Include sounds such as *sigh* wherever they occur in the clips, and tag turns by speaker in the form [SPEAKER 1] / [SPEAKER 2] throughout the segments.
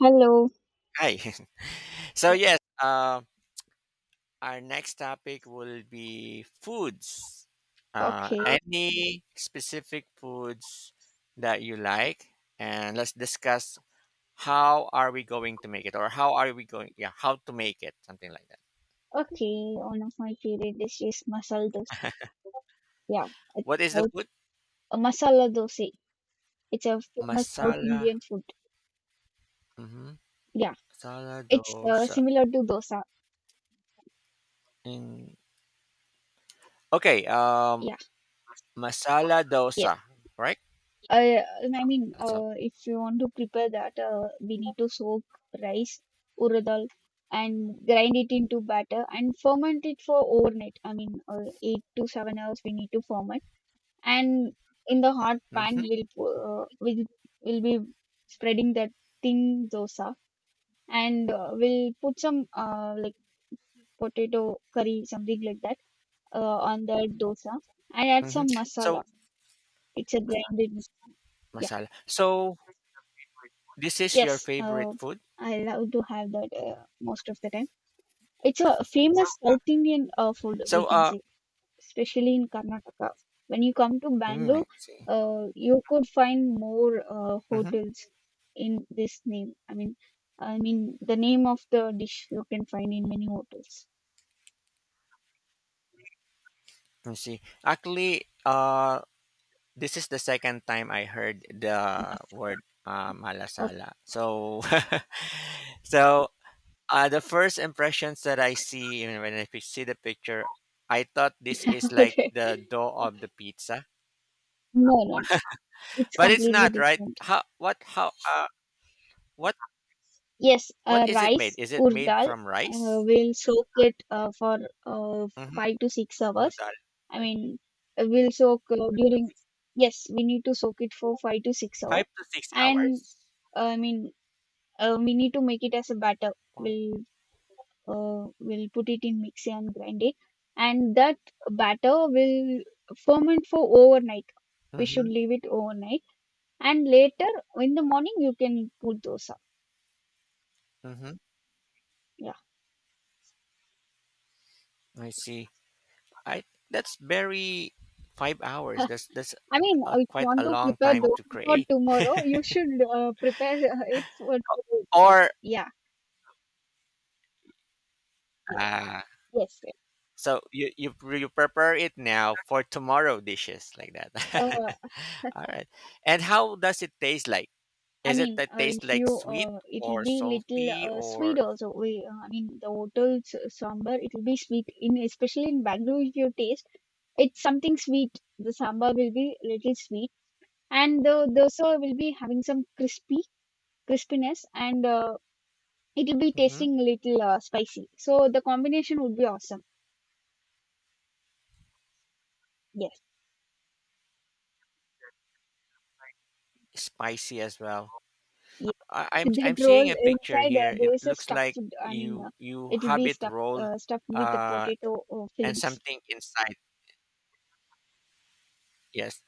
[SPEAKER 1] Hello.
[SPEAKER 2] Hi. *laughs* So
[SPEAKER 1] Yeah.
[SPEAKER 2] yes, our next topic will be foods.
[SPEAKER 1] Okay.
[SPEAKER 2] Any specific foods that you like, and let's discuss how are we going to make it, or how are we going, yeah, how to make it, something like that.
[SPEAKER 1] Okay. One of my favorite dishes, masala dosa. Yeah, it's
[SPEAKER 2] What is the
[SPEAKER 1] South.
[SPEAKER 2] food?
[SPEAKER 1] Masala dosa. It's a famous South
[SPEAKER 2] Masala.
[SPEAKER 1] Indian food.
[SPEAKER 2] Mm-hmm.
[SPEAKER 1] Yeah,
[SPEAKER 2] Masala
[SPEAKER 1] it's
[SPEAKER 2] dosa.
[SPEAKER 1] similar to dosa.
[SPEAKER 2] In okay.
[SPEAKER 1] Yeah,
[SPEAKER 2] Masala
[SPEAKER 1] yes.
[SPEAKER 2] dosa. Right.
[SPEAKER 1] Uh,
[SPEAKER 2] That's all.
[SPEAKER 1] if you want to prepare that, we need to soak rice, urad dal, and grind it into batter and ferment it for overnight. 8 to 7 hours we need to ferment, and in the hot
[SPEAKER 2] Mm-hmm.
[SPEAKER 1] pan will uh, will will be spreading that thin dosa, and we'll put some like potato curry something like that, uh, on the dosa and add
[SPEAKER 2] Mm-hmm.
[SPEAKER 1] some masala.
[SPEAKER 2] So
[SPEAKER 1] It's a blended masala. Yeah.
[SPEAKER 2] masala. So this is
[SPEAKER 1] yes
[SPEAKER 2] your
[SPEAKER 1] uh,
[SPEAKER 2] favorite food.
[SPEAKER 1] I love to have that most of the time. It's a famous South Indian food, we
[SPEAKER 2] So,
[SPEAKER 1] can say, especially in Karnataka. When you come to
[SPEAKER 2] mm,
[SPEAKER 1] Bangalore,
[SPEAKER 2] I see.
[SPEAKER 1] you could find more
[SPEAKER 2] Mm-hmm.
[SPEAKER 1] hotels in this name. I mean the name of the dish you can find in many hotels.
[SPEAKER 2] I see. Actually, this is the second time I heard the
[SPEAKER 1] Masala.
[SPEAKER 2] word malasala.
[SPEAKER 1] *laughs*
[SPEAKER 2] So, *laughs* so the first impressions that I see you know, when I see the picture, I thought this is like
[SPEAKER 1] Okay.
[SPEAKER 2] the dough of the pizza,
[SPEAKER 1] No, no, it's
[SPEAKER 2] but it's
[SPEAKER 1] completely
[SPEAKER 2] not, right?
[SPEAKER 1] different.
[SPEAKER 2] How? What? How? What?
[SPEAKER 1] Yes,
[SPEAKER 2] What is it made?
[SPEAKER 1] rice,
[SPEAKER 2] Is it made
[SPEAKER 1] urdal,
[SPEAKER 2] from rice?
[SPEAKER 1] we'll soak it for uh,
[SPEAKER 2] Mm-hmm.
[SPEAKER 1] 5 to 6 hours. I mean, uh, we'll soak uh, during, yes, we need to soak it for five to six
[SPEAKER 2] Five
[SPEAKER 1] hours.
[SPEAKER 2] to six
[SPEAKER 1] And
[SPEAKER 2] hours.
[SPEAKER 1] uh, I mean, we need to make it as a batter.
[SPEAKER 2] Wow.
[SPEAKER 1] We'll we'll put it in mixer and grind it, and that batter will ferment for overnight. We
[SPEAKER 2] Mm-hmm.
[SPEAKER 1] should leave it overnight, and later in the morning you can put dosa.
[SPEAKER 2] Mm-hmm.
[SPEAKER 1] Yeah.
[SPEAKER 2] I see. I that's very 5 hours. That's a,
[SPEAKER 1] If you
[SPEAKER 2] quite
[SPEAKER 1] want
[SPEAKER 2] a
[SPEAKER 1] to
[SPEAKER 2] long
[SPEAKER 1] prepare
[SPEAKER 2] time to
[SPEAKER 1] dosa for
[SPEAKER 2] create.
[SPEAKER 1] tomorrow, you should prepare it for today itself.
[SPEAKER 2] Or
[SPEAKER 1] Yeah. Yes.
[SPEAKER 2] ah
[SPEAKER 1] Yes.
[SPEAKER 2] so you prepare it now for tomorrow dishes like that.
[SPEAKER 1] Uh, *laughs*
[SPEAKER 2] *laughs* All right. And how does it taste like? Is it that taste
[SPEAKER 1] if you,
[SPEAKER 2] like sweet
[SPEAKER 1] it'll
[SPEAKER 2] or
[SPEAKER 1] be little
[SPEAKER 2] salty
[SPEAKER 1] sweet
[SPEAKER 2] or
[SPEAKER 1] also. The hotel's sambar, it'll be sweet. In especially in Bangalore, if you taste, it's something sweet. The sambar will be little sweet, and the dosa will be having some crispy crispiness, and it'll be
[SPEAKER 2] mhm,
[SPEAKER 1] tasting little spicy. So the combination would be awesome. Yes,
[SPEAKER 2] spicy as well?
[SPEAKER 1] yes.
[SPEAKER 2] I,
[SPEAKER 1] *laughs*
[SPEAKER 2] I'm
[SPEAKER 1] With
[SPEAKER 2] I'm
[SPEAKER 1] that roll
[SPEAKER 2] seeing a picture
[SPEAKER 1] inside
[SPEAKER 2] here.
[SPEAKER 1] there
[SPEAKER 2] It
[SPEAKER 1] is a
[SPEAKER 2] looks
[SPEAKER 1] stuffed.
[SPEAKER 2] like
[SPEAKER 1] I mean,
[SPEAKER 2] you
[SPEAKER 1] It'll
[SPEAKER 2] have
[SPEAKER 1] be
[SPEAKER 2] it rolled
[SPEAKER 1] stuffed with the
[SPEAKER 2] uh
[SPEAKER 1] potato
[SPEAKER 2] and
[SPEAKER 1] fillings.
[SPEAKER 2] something inside. Yes.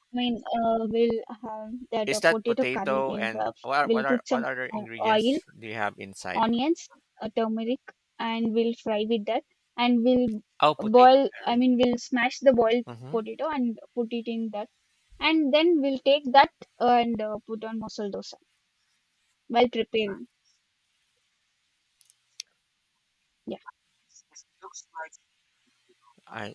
[SPEAKER 1] We'll have that
[SPEAKER 2] Is that
[SPEAKER 1] potato curry.
[SPEAKER 2] potato and
[SPEAKER 1] We'll put
[SPEAKER 2] what
[SPEAKER 1] some
[SPEAKER 2] other
[SPEAKER 1] o- oil,
[SPEAKER 2] ingredients do you have inside?
[SPEAKER 1] onions, turmeric, and we'll fry with that. And
[SPEAKER 2] Oh, potato curry.
[SPEAKER 1] we'll smash the boiled
[SPEAKER 2] Mm-hmm.
[SPEAKER 1] potato and put it in that. And then we'll take that and put on masala dosa while preparing. Yeah,
[SPEAKER 2] I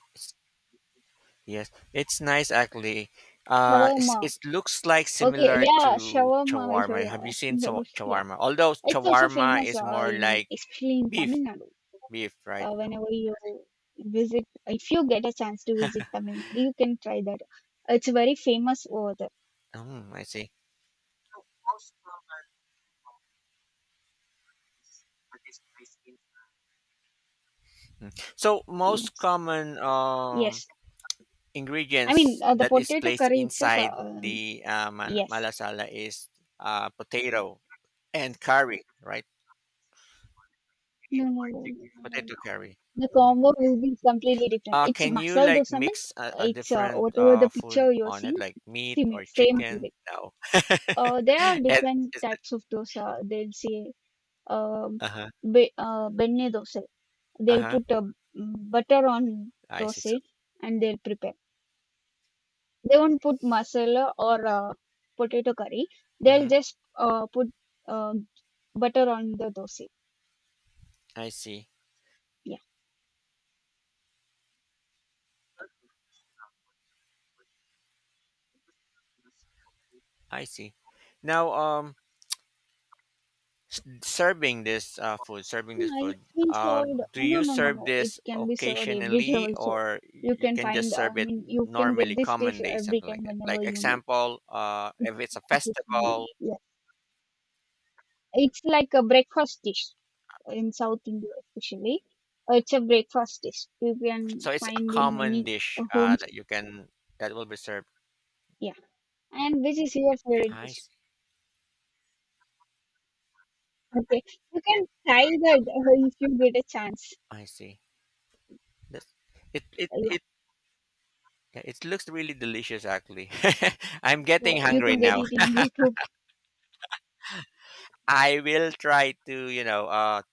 [SPEAKER 2] yes, it's nice actually. It's,
[SPEAKER 1] shawarma.
[SPEAKER 2] it looks like
[SPEAKER 1] Okay,
[SPEAKER 2] similar
[SPEAKER 1] yeah,
[SPEAKER 2] to
[SPEAKER 1] shawarma. *laughs*
[SPEAKER 2] shawarma.
[SPEAKER 1] You're
[SPEAKER 2] Have you seen
[SPEAKER 1] asking about. Yeah,
[SPEAKER 2] shawarma? Although
[SPEAKER 1] it's also
[SPEAKER 2] shawarma
[SPEAKER 1] famous
[SPEAKER 2] is
[SPEAKER 1] uh,
[SPEAKER 2] more
[SPEAKER 1] in
[SPEAKER 2] like
[SPEAKER 1] especially in Tamil
[SPEAKER 2] beef,
[SPEAKER 1] Nadu.
[SPEAKER 2] beef, right?
[SPEAKER 1] Whenever you visit, if you get a chance to visit Tamil Nadu, you can try that. It's very famous over there.
[SPEAKER 2] Mm, I see. Mm. So most
[SPEAKER 1] Yes,
[SPEAKER 2] common
[SPEAKER 1] yes.
[SPEAKER 2] ingredients
[SPEAKER 1] The
[SPEAKER 2] that is
[SPEAKER 1] potato
[SPEAKER 2] placed
[SPEAKER 1] curry itself.
[SPEAKER 2] inside the
[SPEAKER 1] Yes.
[SPEAKER 2] malasala is potato and curry, right?
[SPEAKER 1] No, no, no. No, no,
[SPEAKER 2] Potato
[SPEAKER 1] no.
[SPEAKER 2] curry.
[SPEAKER 1] The
[SPEAKER 2] Mhm.
[SPEAKER 1] combo will be completely different. It's
[SPEAKER 2] Can you
[SPEAKER 1] masala
[SPEAKER 2] like
[SPEAKER 1] dosa means
[SPEAKER 2] mix a
[SPEAKER 1] it's
[SPEAKER 2] different
[SPEAKER 1] whatever the picture
[SPEAKER 2] food
[SPEAKER 1] you're
[SPEAKER 2] on it,
[SPEAKER 1] seeing,
[SPEAKER 2] like meat
[SPEAKER 1] same
[SPEAKER 2] or
[SPEAKER 1] same
[SPEAKER 2] chicken?
[SPEAKER 1] anyway.
[SPEAKER 2] No. *laughs*
[SPEAKER 1] There are
[SPEAKER 2] it
[SPEAKER 1] different
[SPEAKER 2] is.
[SPEAKER 1] types of dosa. They'll say um,
[SPEAKER 2] Uh huh.
[SPEAKER 1] benne dosa.
[SPEAKER 2] Uh
[SPEAKER 1] They'll
[SPEAKER 2] huh.
[SPEAKER 1] put a butter on
[SPEAKER 2] I see. So,
[SPEAKER 1] dosa and they'll prepare. They won't put masala or potato curry. They'll
[SPEAKER 2] hmm,
[SPEAKER 1] just put uh, butter on the dosa.
[SPEAKER 2] I see.
[SPEAKER 1] Yeah.
[SPEAKER 2] I see. Now, serving this food, serving this
[SPEAKER 1] Yeah,
[SPEAKER 2] food.
[SPEAKER 1] it's been
[SPEAKER 2] Uh,
[SPEAKER 1] served.
[SPEAKER 2] do
[SPEAKER 1] No,
[SPEAKER 2] you
[SPEAKER 1] no, no,
[SPEAKER 2] serve
[SPEAKER 1] no. It
[SPEAKER 2] this
[SPEAKER 1] can be served everywhere
[SPEAKER 2] occasionally,
[SPEAKER 1] also.
[SPEAKER 2] or
[SPEAKER 1] You
[SPEAKER 2] you
[SPEAKER 1] can
[SPEAKER 2] can just
[SPEAKER 1] find.
[SPEAKER 2] serve it
[SPEAKER 1] You can get
[SPEAKER 2] normally,
[SPEAKER 1] this dish
[SPEAKER 2] common day,
[SPEAKER 1] every
[SPEAKER 2] something
[SPEAKER 1] time
[SPEAKER 2] like that?
[SPEAKER 1] whenever
[SPEAKER 2] Like
[SPEAKER 1] you need.
[SPEAKER 2] example,
[SPEAKER 1] It's
[SPEAKER 2] if it's a
[SPEAKER 1] occasionally,
[SPEAKER 2] festival.
[SPEAKER 1] Yeah, it's like a breakfast dish in South India, especially. It's a breakfast dish. You can
[SPEAKER 2] So it's a
[SPEAKER 1] find in many
[SPEAKER 2] common dish
[SPEAKER 1] homes.
[SPEAKER 2] that you can that will be served.
[SPEAKER 1] Yeah, and which is your favorite
[SPEAKER 2] I
[SPEAKER 1] dish?
[SPEAKER 2] see.
[SPEAKER 1] Okay, you can try that if you get a chance.
[SPEAKER 2] I see. That's, it it
[SPEAKER 1] Uh, Yeah,
[SPEAKER 2] it yeah, it looks really delicious actually. *laughs* I'm getting
[SPEAKER 1] so you
[SPEAKER 2] hungry
[SPEAKER 1] can get
[SPEAKER 2] now.
[SPEAKER 1] it in YouTube.
[SPEAKER 2] I will try to, you know,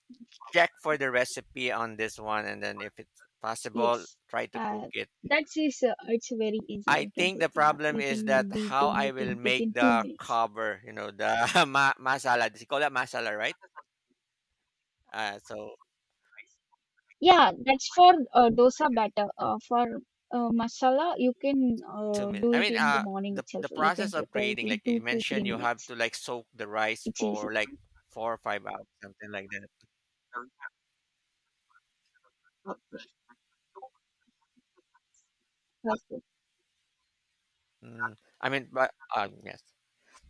[SPEAKER 2] check for the recipe on this one and then if it's possible,
[SPEAKER 1] Yes,
[SPEAKER 2] try to cook
[SPEAKER 1] uh,
[SPEAKER 2] it.
[SPEAKER 1] that is it's very easy.
[SPEAKER 2] I
[SPEAKER 1] You can
[SPEAKER 2] think
[SPEAKER 1] say,
[SPEAKER 2] the
[SPEAKER 1] yeah,
[SPEAKER 2] problem
[SPEAKER 1] you
[SPEAKER 2] is
[SPEAKER 1] can
[SPEAKER 2] that
[SPEAKER 1] be
[SPEAKER 2] how
[SPEAKER 1] doing
[SPEAKER 2] I
[SPEAKER 1] it
[SPEAKER 2] will
[SPEAKER 1] in
[SPEAKER 2] make
[SPEAKER 1] within two
[SPEAKER 2] the
[SPEAKER 1] minutes.
[SPEAKER 2] cover, you know, the *laughs* masala. They call that masala, right? Uh, so
[SPEAKER 1] Yeah, that's for dosa batter. For masala, you can
[SPEAKER 2] Two minutes.
[SPEAKER 1] do
[SPEAKER 2] I
[SPEAKER 1] it
[SPEAKER 2] mean,
[SPEAKER 1] in the morning
[SPEAKER 2] the
[SPEAKER 1] itself.
[SPEAKER 2] the
[SPEAKER 1] You can
[SPEAKER 2] process of
[SPEAKER 1] prepare it
[SPEAKER 2] creating,
[SPEAKER 1] in
[SPEAKER 2] like you
[SPEAKER 1] two to three
[SPEAKER 2] mentioned, you have
[SPEAKER 1] minutes.
[SPEAKER 2] to like soak the rice
[SPEAKER 1] It's easy.
[SPEAKER 2] for like 4 or 5 hours, something like that.
[SPEAKER 1] That's it.
[SPEAKER 2] Mm, I mean, but yes,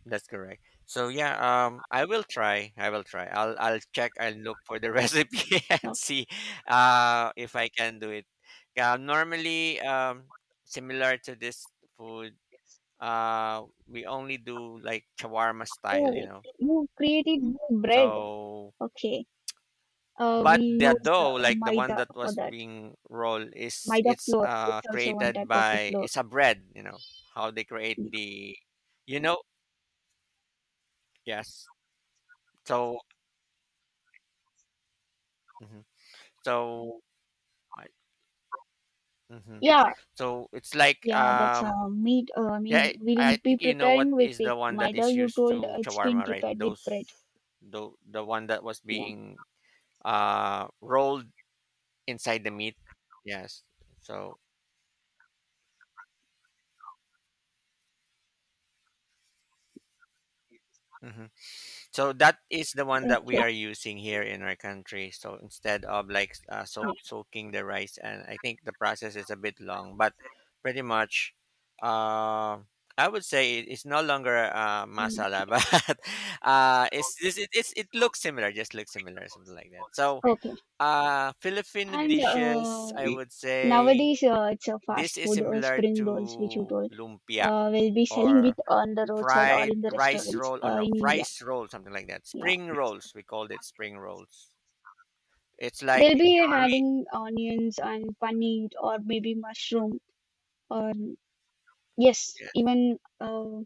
[SPEAKER 2] that's correct. So yeah, I will try. I will try. I'll check. I'll look for the *laughs* recipe
[SPEAKER 1] No.
[SPEAKER 2] and see, if I can do it. Yeah, normally, similar to this food, we only do like shawarma
[SPEAKER 1] Oh,
[SPEAKER 2] style, you know.
[SPEAKER 1] you created bread.
[SPEAKER 2] So
[SPEAKER 1] Okay. We
[SPEAKER 2] but the
[SPEAKER 1] use
[SPEAKER 2] dough, like the one
[SPEAKER 1] maida
[SPEAKER 2] that
[SPEAKER 1] for
[SPEAKER 2] was
[SPEAKER 1] that.
[SPEAKER 2] being rolled, is
[SPEAKER 1] Maida
[SPEAKER 2] it's
[SPEAKER 1] flour. It's also one type
[SPEAKER 2] created
[SPEAKER 1] of a
[SPEAKER 2] by
[SPEAKER 1] flour.
[SPEAKER 2] it's a bread. You know how they create the, you know, yes. So mhm, so mm,
[SPEAKER 1] Yeah,
[SPEAKER 2] so it's like
[SPEAKER 1] yeah, that's
[SPEAKER 2] um,
[SPEAKER 1] meat.
[SPEAKER 2] yeah, I
[SPEAKER 1] We'll be
[SPEAKER 2] think you know what
[SPEAKER 1] preparing with
[SPEAKER 2] is
[SPEAKER 1] it.
[SPEAKER 2] the one that
[SPEAKER 1] Maida,
[SPEAKER 2] is
[SPEAKER 1] you
[SPEAKER 2] used
[SPEAKER 1] told
[SPEAKER 2] to
[SPEAKER 1] it's been
[SPEAKER 2] shawarma, right?
[SPEAKER 1] prepared with
[SPEAKER 2] Those
[SPEAKER 1] bread.
[SPEAKER 2] the one that was
[SPEAKER 1] Yeah,
[SPEAKER 2] being rolled inside the meat. Yes. So. Mhm. So that is the one that
[SPEAKER 1] okay.
[SPEAKER 2] we are using here in our country. So instead of like
[SPEAKER 1] Yeah.
[SPEAKER 2] soaking the rice, and I think the process is a bit long, but pretty much, uh, I would say it's no longer
[SPEAKER 1] Mm,
[SPEAKER 2] masala, *laughs* but
[SPEAKER 1] yeah.
[SPEAKER 2] it's it looks similar, just looks similar, something like that. So
[SPEAKER 1] Okay.
[SPEAKER 2] Filipino
[SPEAKER 1] And
[SPEAKER 2] dishes, I would say
[SPEAKER 1] nowadays, it's a
[SPEAKER 2] this
[SPEAKER 1] fast
[SPEAKER 2] is
[SPEAKER 1] food,
[SPEAKER 2] similar
[SPEAKER 1] spring rolls, which you
[SPEAKER 2] to
[SPEAKER 1] told.
[SPEAKER 2] lumpia
[SPEAKER 1] We'll be selling it
[SPEAKER 2] or
[SPEAKER 1] on the roadside or
[SPEAKER 2] fried
[SPEAKER 1] in the
[SPEAKER 2] rice
[SPEAKER 1] restaurants
[SPEAKER 2] roll or no
[SPEAKER 1] in India.
[SPEAKER 2] rice roll something like that
[SPEAKER 1] Yeah.
[SPEAKER 2] spring rolls we called it spring rolls it's like
[SPEAKER 1] They'll be
[SPEAKER 2] we
[SPEAKER 1] adding onions and paneer or maybe mushroom or yes,
[SPEAKER 2] yes,
[SPEAKER 1] even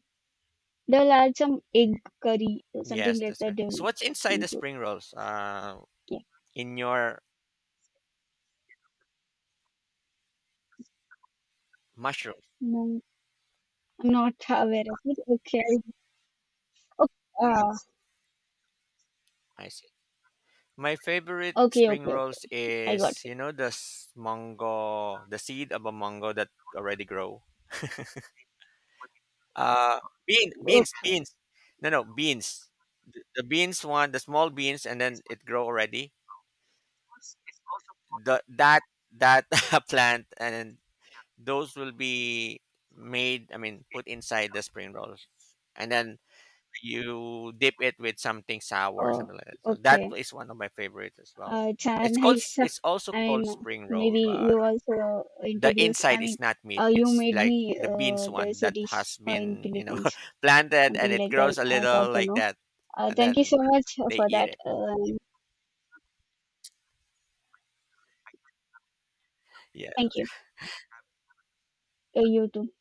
[SPEAKER 1] they'll add some egg curry or something
[SPEAKER 2] yes
[SPEAKER 1] like
[SPEAKER 2] that's
[SPEAKER 1] that.
[SPEAKER 2] correct
[SPEAKER 1] They'll
[SPEAKER 2] so what's inside the
[SPEAKER 1] include.
[SPEAKER 2] spring rolls
[SPEAKER 1] Yeah,
[SPEAKER 2] in your mushroom.
[SPEAKER 1] no, I'm not *laughs* aware of it. Okay, okay, uh,
[SPEAKER 2] I see. My favorite
[SPEAKER 1] okay,
[SPEAKER 2] spring
[SPEAKER 1] okay, okay.
[SPEAKER 2] rolls
[SPEAKER 1] I got
[SPEAKER 2] is
[SPEAKER 1] it.
[SPEAKER 2] you know the mango, the seed of a mango that already grow uh
[SPEAKER 1] Okay,
[SPEAKER 2] beans, no no beans, the beans one, the small beans and then it grow already the that that *laughs* plant and then those will be made I mean put inside the spring rolls and then you dip it with something sour or
[SPEAKER 1] oh,
[SPEAKER 2] something like that, so that
[SPEAKER 1] okay.
[SPEAKER 2] is one of my favorites as well.
[SPEAKER 1] It's a
[SPEAKER 2] It's
[SPEAKER 1] *laughs*
[SPEAKER 2] called
[SPEAKER 1] nice.
[SPEAKER 2] it's also called spring roll
[SPEAKER 1] Maybe you
[SPEAKER 2] but
[SPEAKER 1] also
[SPEAKER 2] the
[SPEAKER 1] introduce.
[SPEAKER 2] inside is not meat,
[SPEAKER 1] You
[SPEAKER 2] it's
[SPEAKER 1] made
[SPEAKER 2] like
[SPEAKER 1] me.
[SPEAKER 2] the beans one
[SPEAKER 1] There's a
[SPEAKER 2] that
[SPEAKER 1] dish
[SPEAKER 2] has
[SPEAKER 1] in
[SPEAKER 2] been you know
[SPEAKER 1] Philippines,
[SPEAKER 2] *laughs* planted and
[SPEAKER 1] something
[SPEAKER 2] it
[SPEAKER 1] like that.
[SPEAKER 2] grows a
[SPEAKER 1] I
[SPEAKER 2] little
[SPEAKER 1] got to
[SPEAKER 2] like
[SPEAKER 1] know.
[SPEAKER 2] that and
[SPEAKER 1] Thank you
[SPEAKER 2] then
[SPEAKER 1] so much
[SPEAKER 2] they
[SPEAKER 1] for
[SPEAKER 2] eat
[SPEAKER 1] that.
[SPEAKER 2] it.
[SPEAKER 1] Thank
[SPEAKER 2] Yes.
[SPEAKER 1] you. You too.